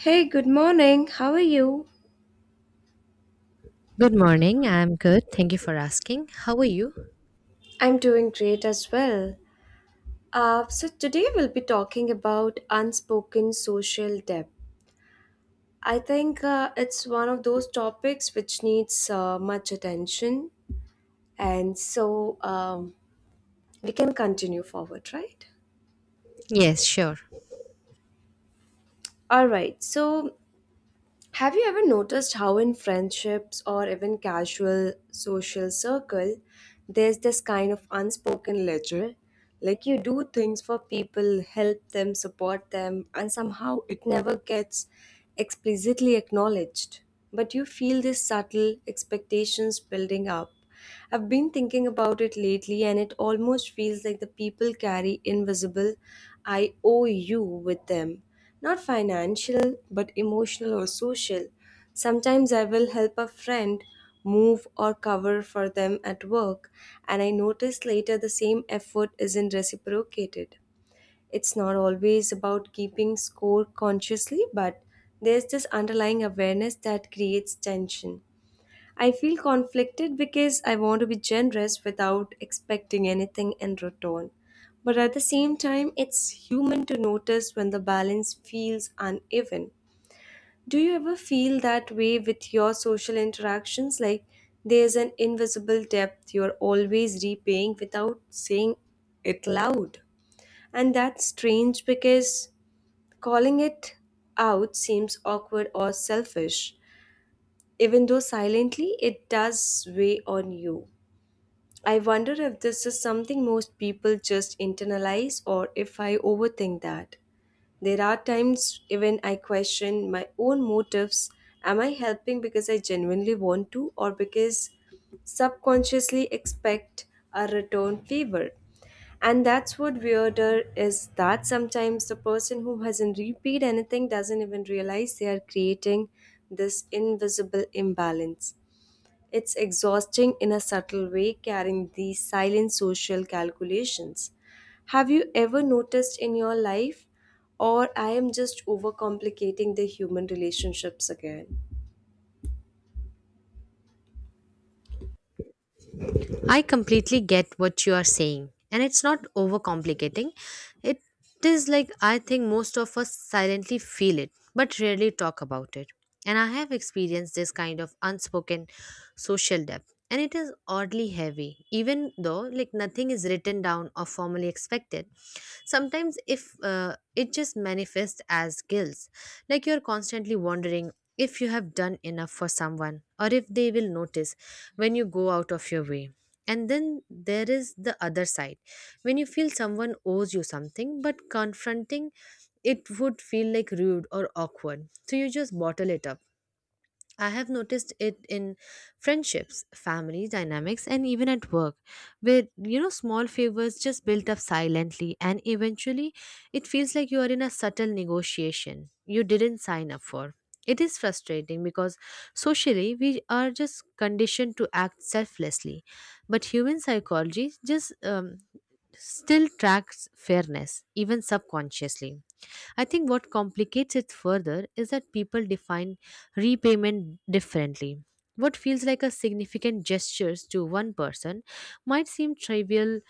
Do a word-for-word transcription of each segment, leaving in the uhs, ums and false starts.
Hey, good morning. How are you? Good morning. I'm good. Thank you for asking. How are you? I'm doing great as well. Uh, so, today we'll be talking about unspoken social debt. I think uh, it's one of those topics which needs uh, much attention. And so, um, we can continue forward, right? Yes, sure. All right. So, Have you ever noticed how, in friendships or even casual social circle, there's this kind of unspoken ledger? Like you do things for people, help them, support them, and somehow it never gets explicitly acknowledged. But you feel these subtle expectations building up. I've been thinking about it lately, and it almost feels like the people carry invisible I owe you with them, not financial, but emotional or social. Sometimes I will help a friend move or cover for them at work, and I notice later the same effort isn't reciprocated. It's not always about keeping score consciously, but there's this underlying awareness that creates tension. I feel conflicted because I want to be generous without expecting anything in return. But at the same time, it's human to notice when the balance feels uneven. Do you ever feel that way with your social interactions? Like there's an invisible debt you're always repaying without saying it loud. And that's strange because calling it out seems awkward or selfish. Even though silently, it does weigh on you. I wonder if this is something most people just internalize or if I overthink that. There are times even I question my own motives. Am I helping because I genuinely want to or because subconsciously expect a return favor? And that's what weirder is that sometimes the person who hasn't repeat anything doesn't even realize they are creating this invisible imbalance. It's exhausting in a subtle way carrying these silent social calculations. Have you ever noticed in your life, or I am just overcomplicating the human relationships again? I completely get what you are saying, and it's not overcomplicating. It is like, I think most of us silently feel it, but rarely talk about it. And I have experienced this kind of unspoken social debt, and it is oddly heavy, even though like nothing is written down or formally expected. Sometimes, if uh, it just manifests as guilt, like you're constantly wondering if you have done enough for someone or if they will notice when you go out of your way, and then there is the other side. When you feel someone owes you something, but confronting it would feel like rude or awkward, so you just bottle it up. I have noticed it in friendships, family dynamics, and even at work, where you know small favors just build up silently, and eventually it feels like you are in a subtle negotiation you didn't sign up for. It is frustrating because socially we are just conditioned to act selflessly, but human psychology just um, still tracks fairness, even subconsciously. I think what complicates it further is that people define repayment differently. What feels like a significant gesture to one person might seem trivial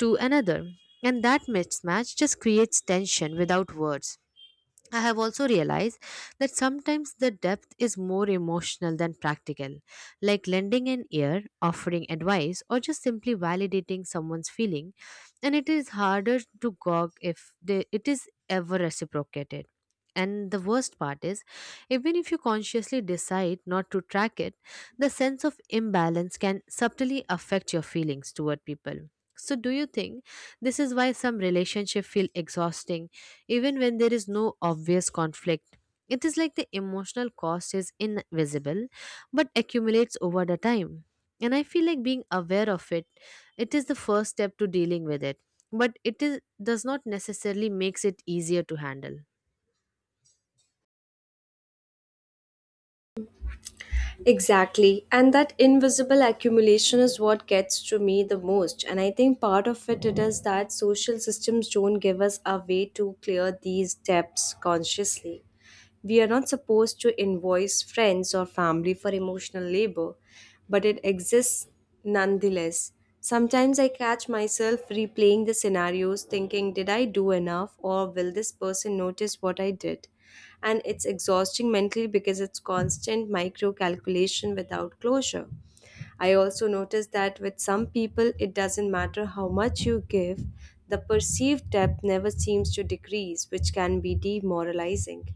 to another, and that mismatch just creates tension without words. I have also realized that sometimes the depth is more emotional than practical, like lending an ear, offering advice, or just simply validating someone's feeling, and it is harder to gog if they, it is ever reciprocated. And the worst part is, even if you consciously decide not to track it, the sense of imbalance can subtly affect your feelings toward people. So, do you think this is why some relationships feel exhausting, even when there is no obvious conflict? It is like the emotional cost is invisible but accumulates over the time. And I feel like being aware of it, it is the first step to dealing with it. But it is, does not necessarily makes it easier to handle. Exactly, and that invisible accumulation is what gets to me the most. And I think part of it, it is that social systems don't give us a way to clear these depths consciously. We are not supposed to invoice friends or family for emotional labor, but it exists nonetheless. Sometimes I catch myself replaying the scenarios, thinking, did I do enough, or will this person notice what I did? And it's exhausting mentally because it's constant micro calculation without closure. I also notice that with some people, it doesn't matter how much you give, the perceived depth never seems to decrease, which can be demoralizing.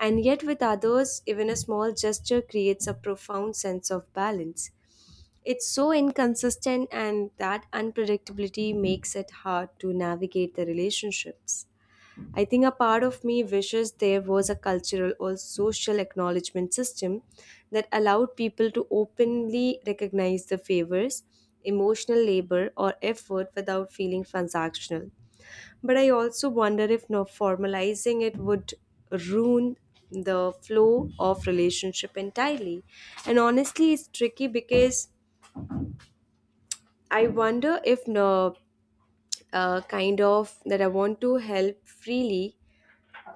And yet, with others, even a small gesture creates a profound sense of balance. It's so inconsistent, and that unpredictability makes it hard to navigate the relationships. I think a part of me wishes there was a cultural or social acknowledgement system that allowed people to openly recognize the favors, emotional labor, or effort without feeling transactional. But I also wonder if no formalizing it would ruin the flow of relationship entirely. And honestly, it's tricky because I wonder if no uh, kind of that I want to help freely.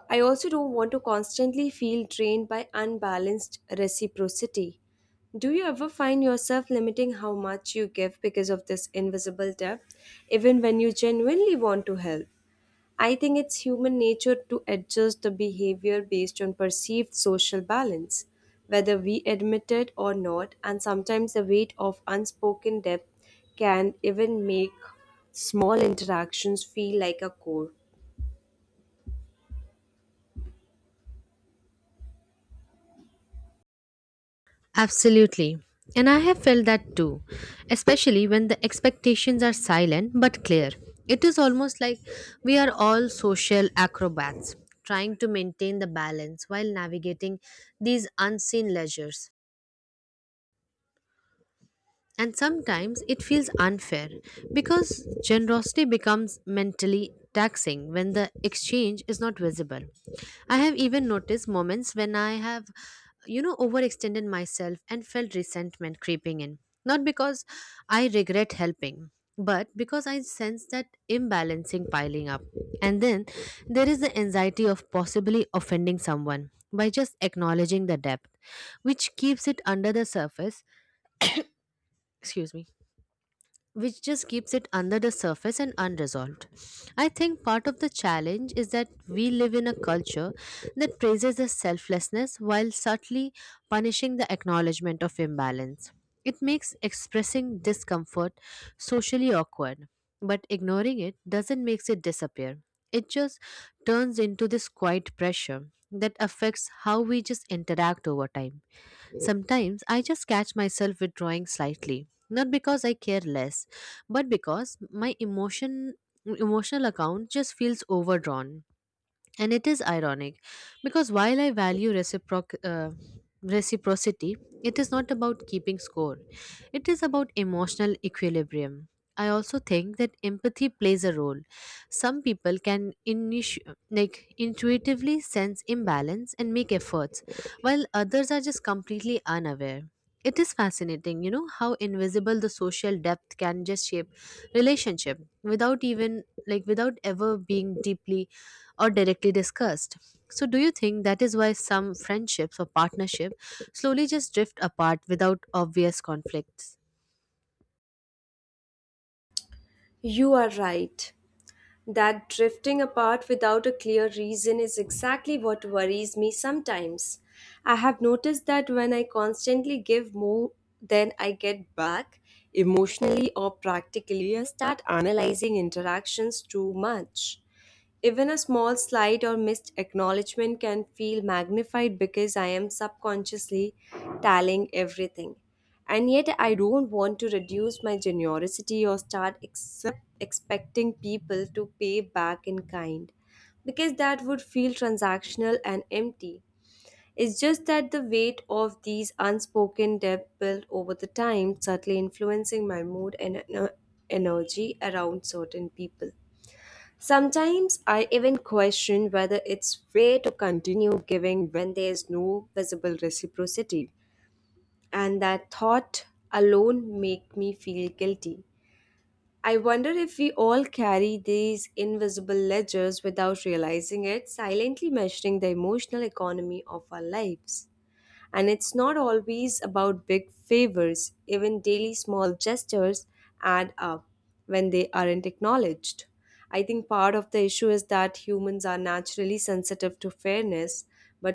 I also don't want to constantly feel drained by unbalanced reciprocity. Do you ever find yourself limiting how much you give because of this invisible debt, even when you genuinely want to help? I think it's human nature to adjust the behavior based on perceived social balance, whether we admit it or not, and sometimes the weight of unspoken depth can even make small interactions feel like a chore. Absolutely. And I have felt that too, especially when the expectations are silent but clear. It is almost like we are all social acrobats trying to maintain the balance while navigating these unseen leisures. And sometimes it feels unfair because generosity becomes mentally taxing when the exchange is not visible. I have even noticed moments when I have, you know, overextended myself and felt resentment creeping in. Not because I regret helping, but because I sense that imbalancing piling up. And then there is the anxiety of possibly offending someone by just acknowledging the depth, which keeps it under the surface. Excuse me, which just keeps it under the surface and unresolved. I think part of the challenge is that we live in a culture that praises the selflessness while subtly punishing the acknowledgement of imbalance. It makes expressing discomfort socially awkward, but ignoring it doesn't make it disappear. It just turns into this quiet pressure that affects how we just interact over time. Sometimes I just catch myself withdrawing slightly, not because I care less, but because my emotion emotional account just feels overdrawn. And it is ironic because while I value reciproc- uh, reciprocity, it is not about keeping score, it is about emotional equilibrium. I also think that empathy plays a role. Some people can initi- like intuitively sense imbalance and make efforts, while others are just completely unaware. It is fascinating, you know, how invisible the social depth can just shape relationship without even like without ever being deeply or directly discussed. So, do you think that is why some friendships or partnership slowly just drift apart without obvious conflicts? You are right. That drifting apart without a clear reason is exactly what worries me sometimes. I have noticed that when I constantly give more than I get back, emotionally or practically, I start analyzing interactions too much. Even a small slight or missed acknowledgement can feel magnified because I am subconsciously tallying everything. And yet, I don't want to reduce my generosity or start accept, expecting people to pay back in kind because that would feel transactional and empty. It's just that the weight of these unspoken debt built over the time subtly influencing my mood and ener- energy around certain people. Sometimes I even question whether it's fair to continue giving when there's no visible reciprocity, and that thought alone make me feel guilty. I wonder if we all carry these invisible ledgers without realizing it, silently measuring the emotional economy of our lives. And it's not always about big favors, even daily small gestures add up when they aren't acknowledged. I think part of the issue is that humans are naturally sensitive to fairness, but